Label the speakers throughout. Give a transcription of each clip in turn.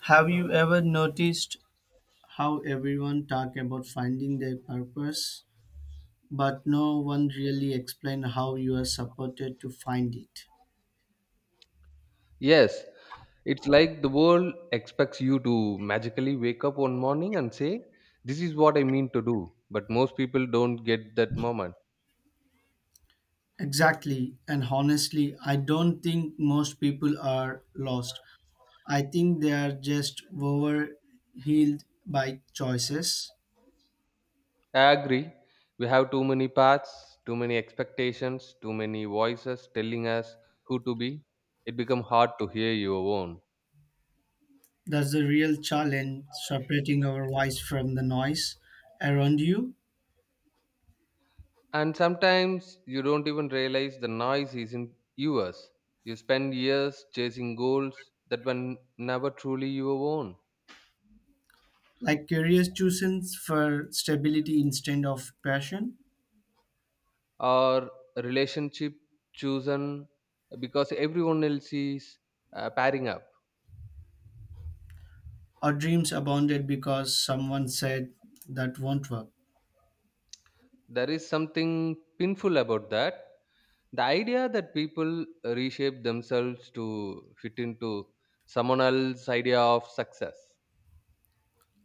Speaker 1: Have you ever noticed how everyone talk about finding their purpose, but no one really explain how you are supported to find it?
Speaker 2: Yes, it's like the world expects you to magically wake up one morning and say, this is what I mean to do. But most people don't get that moment.
Speaker 1: Exactly, and honestly, I don't think most people are lost. I think they are just overhealed by choices.
Speaker 2: I agree. We have too many paths, too many expectations, too many voices telling us who to be. It becomes hard to hear your own.
Speaker 1: That's the real challenge, separating our voice from the noise around you.
Speaker 2: And sometimes you don't even realize the noise isn't yours. You spend years chasing goals that were never truly your own.
Speaker 1: Like career choosing for stability instead of passion.
Speaker 2: Or relationship chosen because everyone else is pairing up.
Speaker 1: Our dreams abounded because someone said that won't work.
Speaker 2: There is something painful about that. The idea that people reshape themselves to fit into someone else's idea of success.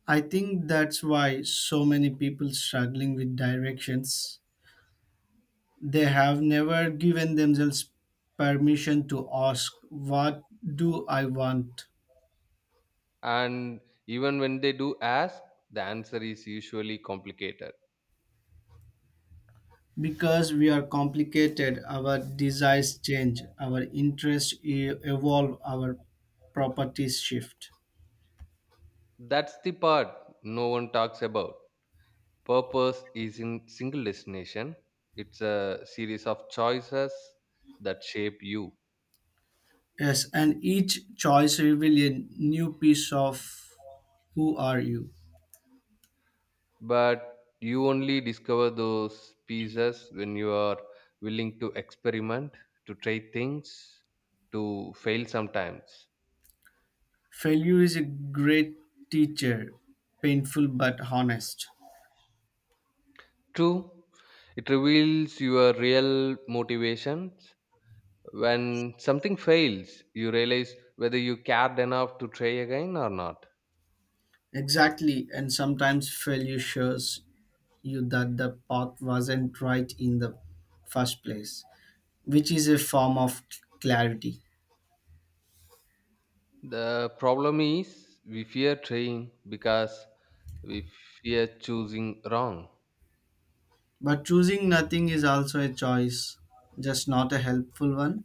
Speaker 1: I think that's why so many people struggling with directions they have never given themselves permission to ask what do I want?
Speaker 2: And even when they do ask, the answer is usually complicated.
Speaker 1: Because we are complicated, our desires change, our interests evolve, our properties shift.
Speaker 2: That's the part no one talks about. Purpose is in single destination. It's a series of choices that shape you.
Speaker 1: Yes, and each choice reveals a new piece of who are you.
Speaker 2: But you only discover those pieces when you are willing to experiment, to try things, to fail sometimes.
Speaker 1: Failure is a great teacher, painful but honest.
Speaker 2: True, it reveals your real motivations. When something fails you realize whether you cared enough to try again or not.
Speaker 1: Exactly, and sometimes failure shows you that the path wasn't right in the first place, which is a form of clarity.
Speaker 2: The problem is we fear trying because we fear choosing wrong.
Speaker 1: But choosing nothing is also a choice, just not a helpful one.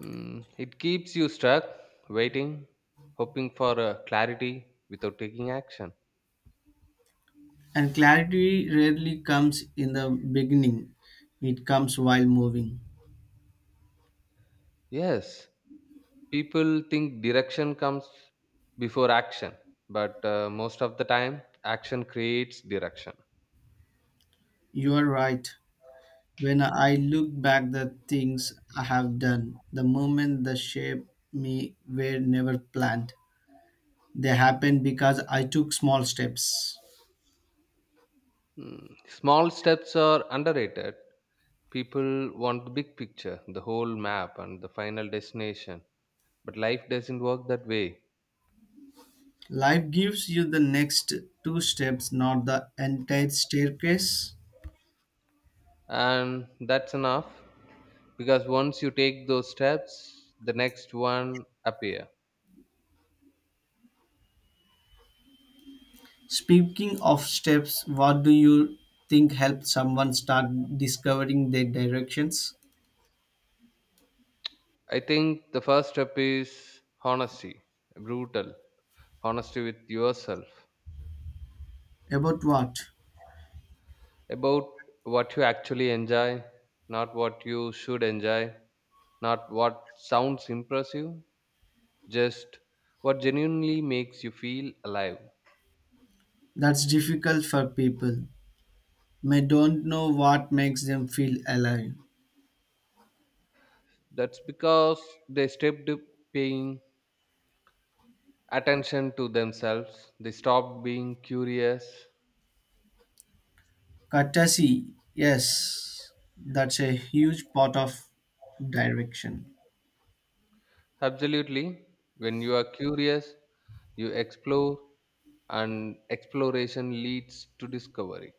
Speaker 2: It keeps you stuck, waiting, hoping for a clarity without taking action.
Speaker 1: And clarity rarely comes in the beginning, it comes while moving.
Speaker 2: Yes, people think direction comes before action, but most of the time, action creates direction.
Speaker 1: You are right. When I look back the things I have done, the moment that shape me were never planned. They happened because I took small steps.
Speaker 2: Small steps are underrated. People want the big picture, the whole map, and the final destination. But life doesn't work that way.
Speaker 1: Life gives you the next two steps, not the entire staircase.
Speaker 2: And that's enough because once you take those steps, the next one appear.
Speaker 1: Speaking of steps, what do you think helps someone start discovering their directions?
Speaker 2: I think the first step is honesty, brutal honesty with yourself
Speaker 1: About what?
Speaker 2: about what you actually enjoy, not what you should enjoy, not what sounds impressive, just what genuinely makes you feel alive.
Speaker 1: That's difficult for people. May don't know what makes them feel alive.
Speaker 2: That's because they stopped paying attention to themselves, they stopped being curious.
Speaker 1: Courtesy, yes, that's a huge part of direction.
Speaker 2: Absolutely. When you are curious, you explore, and exploration leads to discovery.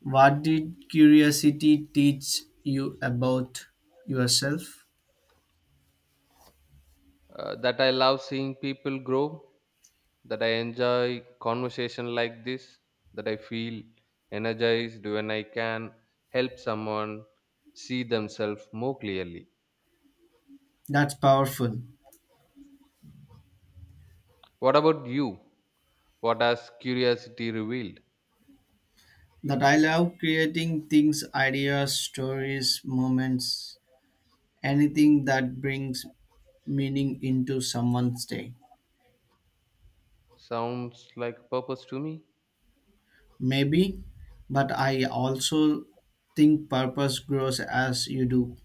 Speaker 1: What did curiosity teach you about yourself?
Speaker 2: That I love seeing people grow, that I enjoy conversation like this, that I feel energized when I can help someone see themselves more clearly.
Speaker 1: That's powerful.
Speaker 2: What about you? What has curiosity revealed?
Speaker 1: That I love creating things, ideas, stories, moments, anything that brings meaning into someone's day.
Speaker 2: Sounds like purpose to me.
Speaker 1: Maybe, but I also think purpose grows as you do.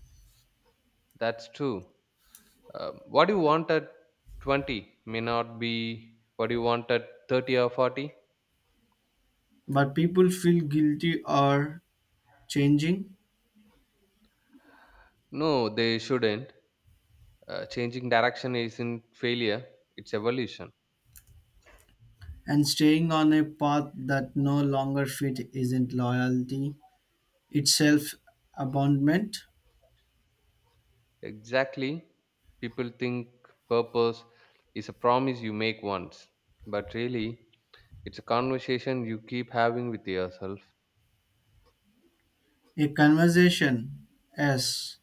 Speaker 2: That's true. What you want at 20 may not be what you want at 30 or 40.
Speaker 1: But people feel guilty or changing.
Speaker 2: No, they shouldn't. Changing direction isn't failure, it's evolution.
Speaker 1: And staying on a path that no longer fit isn't loyalty, itself. Abandonment.
Speaker 2: Exactly. People think purpose is a promise you make once, but really, it's a conversation you keep having with yourself.
Speaker 1: A conversation, yes,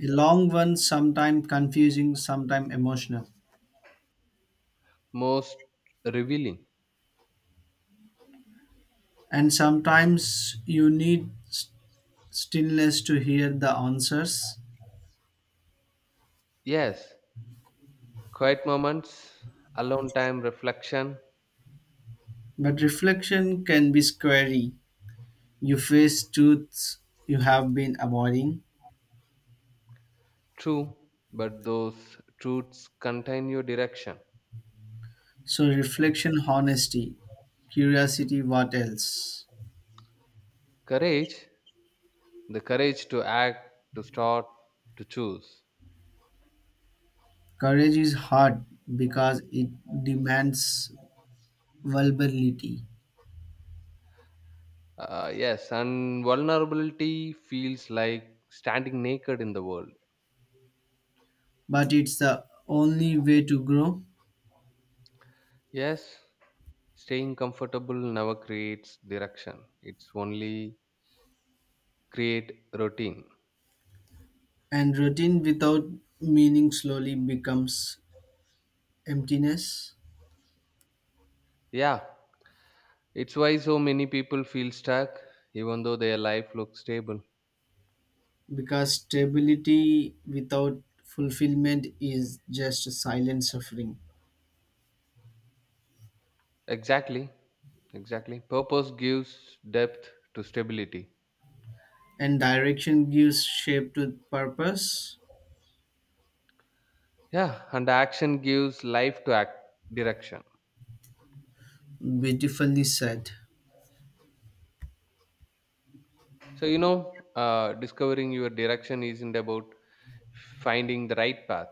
Speaker 1: a long one, sometimes confusing, sometimes emotional.
Speaker 2: Most revealing.
Speaker 1: And sometimes you need stillness to hear the answers.
Speaker 2: Yes, quiet moments, alone time, reflection.
Speaker 1: But reflection can be scary. You face truths you have been avoiding.
Speaker 2: True, but those truths contain your direction.
Speaker 1: So, reflection, honesty, curiosity, what else?
Speaker 2: Courage, the courage to act, to start, to choose.
Speaker 1: Courage is hard because it demands vulnerability,
Speaker 2: Yes, and vulnerability feels like standing naked in the world.
Speaker 1: but it's the only way to grow.
Speaker 2: Yes, staying comfortable never creates direction. It's only create routine.
Speaker 1: And routine without meaning slowly becomes emptiness,
Speaker 2: Yeah, it's why so many people feel stuck even though their life looks stable.
Speaker 1: because stability without fulfillment is just a silent suffering.
Speaker 2: Exactly, exactly. Purpose gives depth to stability.
Speaker 1: And direction gives shape to purpose.
Speaker 2: Yeah, and action gives life to act direction.
Speaker 1: Beautifully said.
Speaker 2: So, discovering your direction isn't about finding the right path.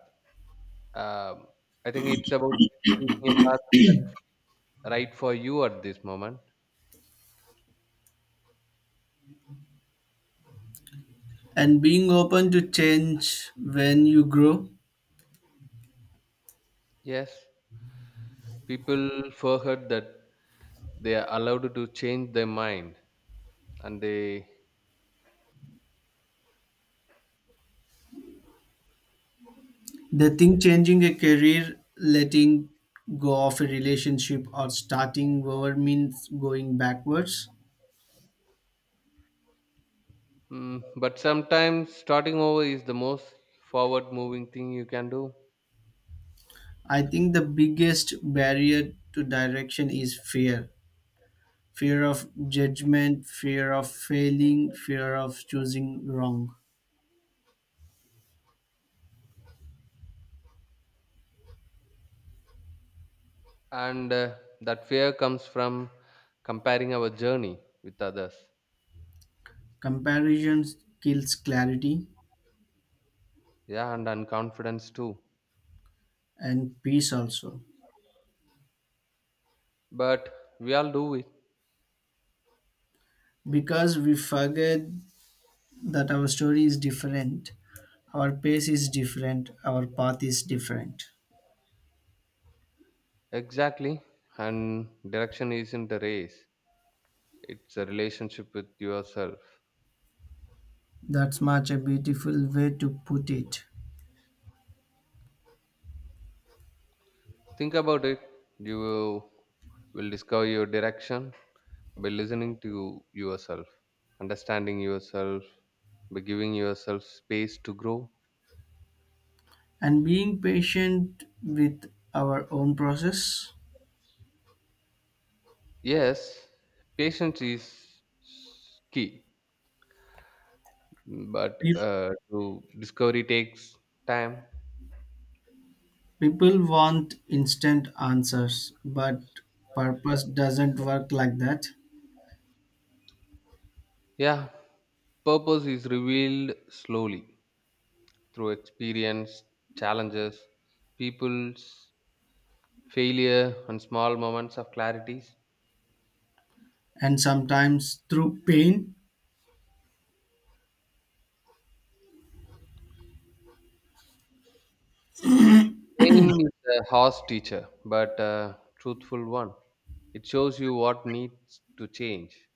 Speaker 2: Um, I think it's about choosing a path that's right for you at this moment.
Speaker 1: And being open to change when you grow.
Speaker 2: Yes, people forget that they are allowed to change their mind, and they.
Speaker 1: They think changing a career, letting go of a relationship, or starting over means going backwards.
Speaker 2: But sometimes starting over is the most forward-moving thing you can do,
Speaker 1: I think the biggest barrier to direction is fear, fear of judgment, fear of failing, fear of choosing wrong.
Speaker 2: and that fear comes from comparing our journey with others.
Speaker 1: Comparison kills clarity
Speaker 2: Yeah, and confidence too.
Speaker 1: and peace also.
Speaker 2: But we all do it.
Speaker 1: Because we forget that our story is different, our pace is different, our path is different.
Speaker 2: Exactly. And direction isn't a race, it's a relationship with yourself.
Speaker 1: That's much a beautiful way to put it.
Speaker 2: Think about it. You will discover your direction by listening to yourself, understanding yourself, by giving yourself space to grow.
Speaker 1: And being patient with our own process.
Speaker 2: Yes, patience is key, but
Speaker 1: Pe-
Speaker 2: to discovery takes time.
Speaker 1: People want instant answers, but purpose doesn't work like that.
Speaker 2: Yeah, purpose is revealed slowly, through experience, challenges, people's failure, and small moments of clarities.
Speaker 1: And sometimes through pain
Speaker 2: Pain is a harsh teacher, but a truthful one. It shows you what needs to change.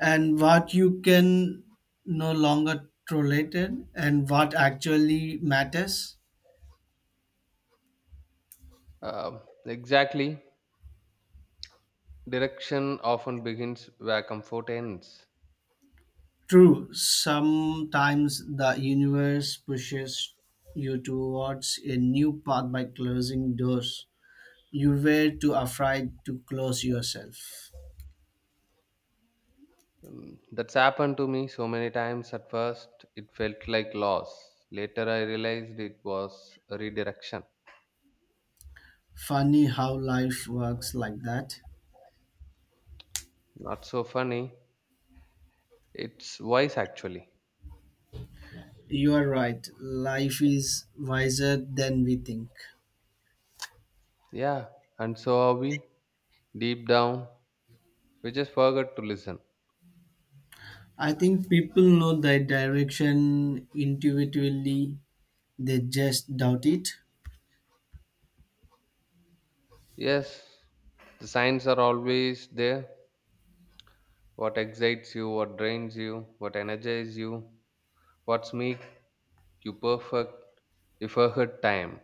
Speaker 1: and what you can no longer tolerate it and what actually matters.
Speaker 2: Exactly. Direction often begins where comfort ends.
Speaker 1: True, sometimes the universe pushes you towards a new path by closing doors you were too afraid to close yourself.
Speaker 2: That's happened to me so many times. At first, it felt like loss. Later, I realized it was a redirection.
Speaker 1: Funny how life works like that.
Speaker 2: Not so funny. It's wise, actually.
Speaker 1: You are right. Life is wiser than we think.
Speaker 2: Yeah, and so are we, deep down. We just forget to listen.
Speaker 1: I think people know their direction intuitively, they just doubt it.
Speaker 2: Yes, the signs are always there. What excites you, what drains you, what energizes you, what's make you perfect, you forget time.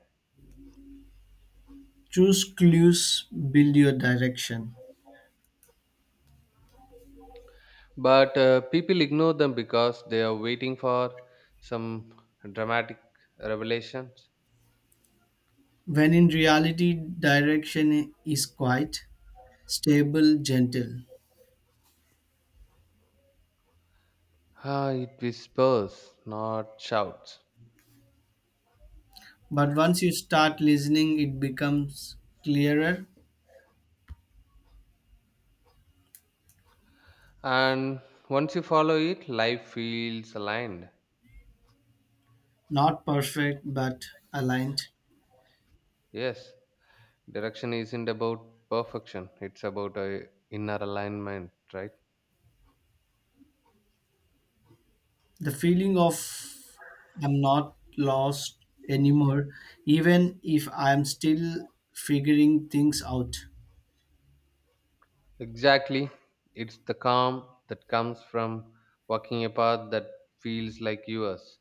Speaker 1: Choose clues, build your direction.
Speaker 2: But people ignore them because they are waiting for some dramatic revelations.
Speaker 1: When in reality, direction is quite stable, gentle.
Speaker 2: Ah, it whispers, not shouts.
Speaker 1: But once you start listening, it becomes clearer.
Speaker 2: And once you follow it, life feels aligned.
Speaker 1: Not perfect, but aligned.
Speaker 2: Yes, direction isn't about perfection, it's about a inner alignment, right?
Speaker 1: The feeling of I'm not lost anymore, even if I'm still figuring things out.
Speaker 2: Exactly. It's the calm that comes from walking a path that feels like yours.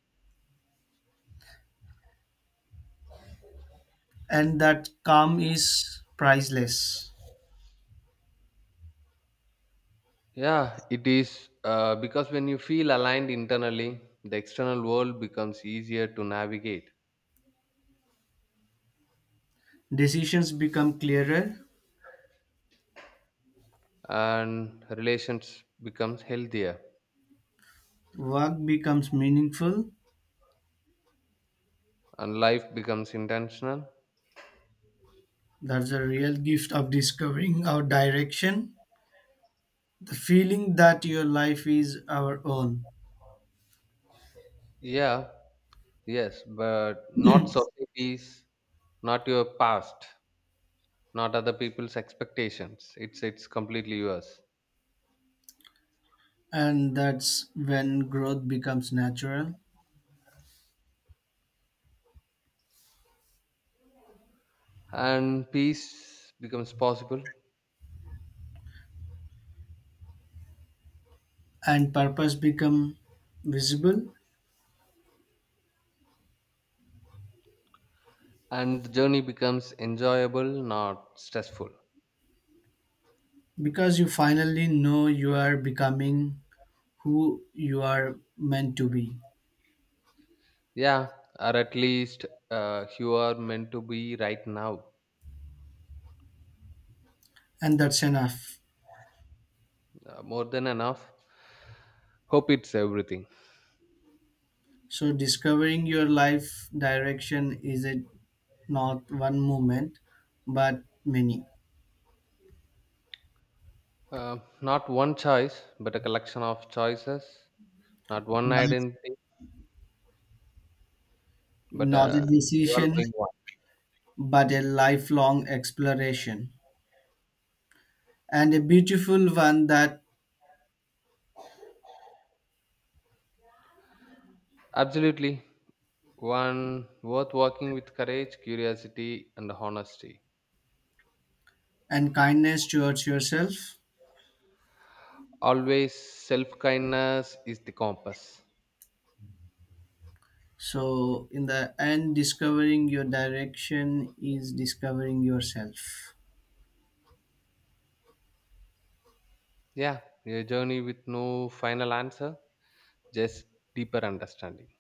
Speaker 1: And that calm is priceless.
Speaker 2: Yeah, it is because when you feel aligned internally, the external world becomes easier to navigate.
Speaker 1: Decisions become clearer,
Speaker 2: And relations becomes healthier
Speaker 1: work becomes meaningful.
Speaker 2: and life becomes intentional.
Speaker 1: That's the real gift of discovering our direction. The feeling that your life is our own.
Speaker 2: Yeah, yes, but not societies, not your past, not other people's expectations. It's completely yours.
Speaker 1: And that's when growth becomes natural.
Speaker 2: And peace becomes possible,
Speaker 1: And purpose become visible,
Speaker 2: and the journey becomes enjoyable, not stressful.
Speaker 1: because you finally know you are becoming who you are meant to be,
Speaker 2: Yeah, or at least you are meant to be right now.
Speaker 1: and that's enough.
Speaker 2: More than enough. Hope it's everything.
Speaker 1: So discovering your life direction is it not one moment but many,
Speaker 2: uh, Not one choice but a collection of choices, not one
Speaker 1: not,
Speaker 2: identity but
Speaker 1: not a
Speaker 2: a
Speaker 1: decision
Speaker 2: evolving one.
Speaker 1: but a lifelong exploration, and a beautiful one that
Speaker 2: Absolutely. One worth working with courage, curiosity, and honesty.
Speaker 1: and kindness towards yourself.
Speaker 2: Always, self kindness is the compass.
Speaker 1: So, in the end, discovering your direction is discovering yourself.
Speaker 2: Yeah, a journey with no final answer, just deeper understanding.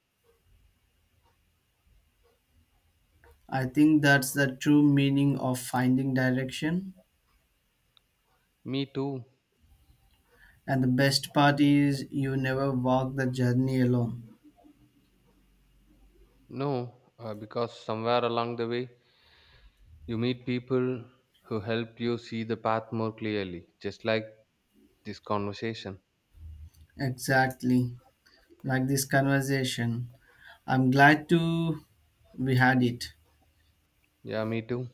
Speaker 1: I think that's the true meaning of finding direction.
Speaker 2: Me too.
Speaker 1: And the best part is you never walk the journey alone.
Speaker 2: No, because somewhere along the way, you meet people who help you see the path more clearly, just like this conversation.
Speaker 1: Exactly. Like this conversation. I'm glad to we had it.
Speaker 2: Yeah, me too.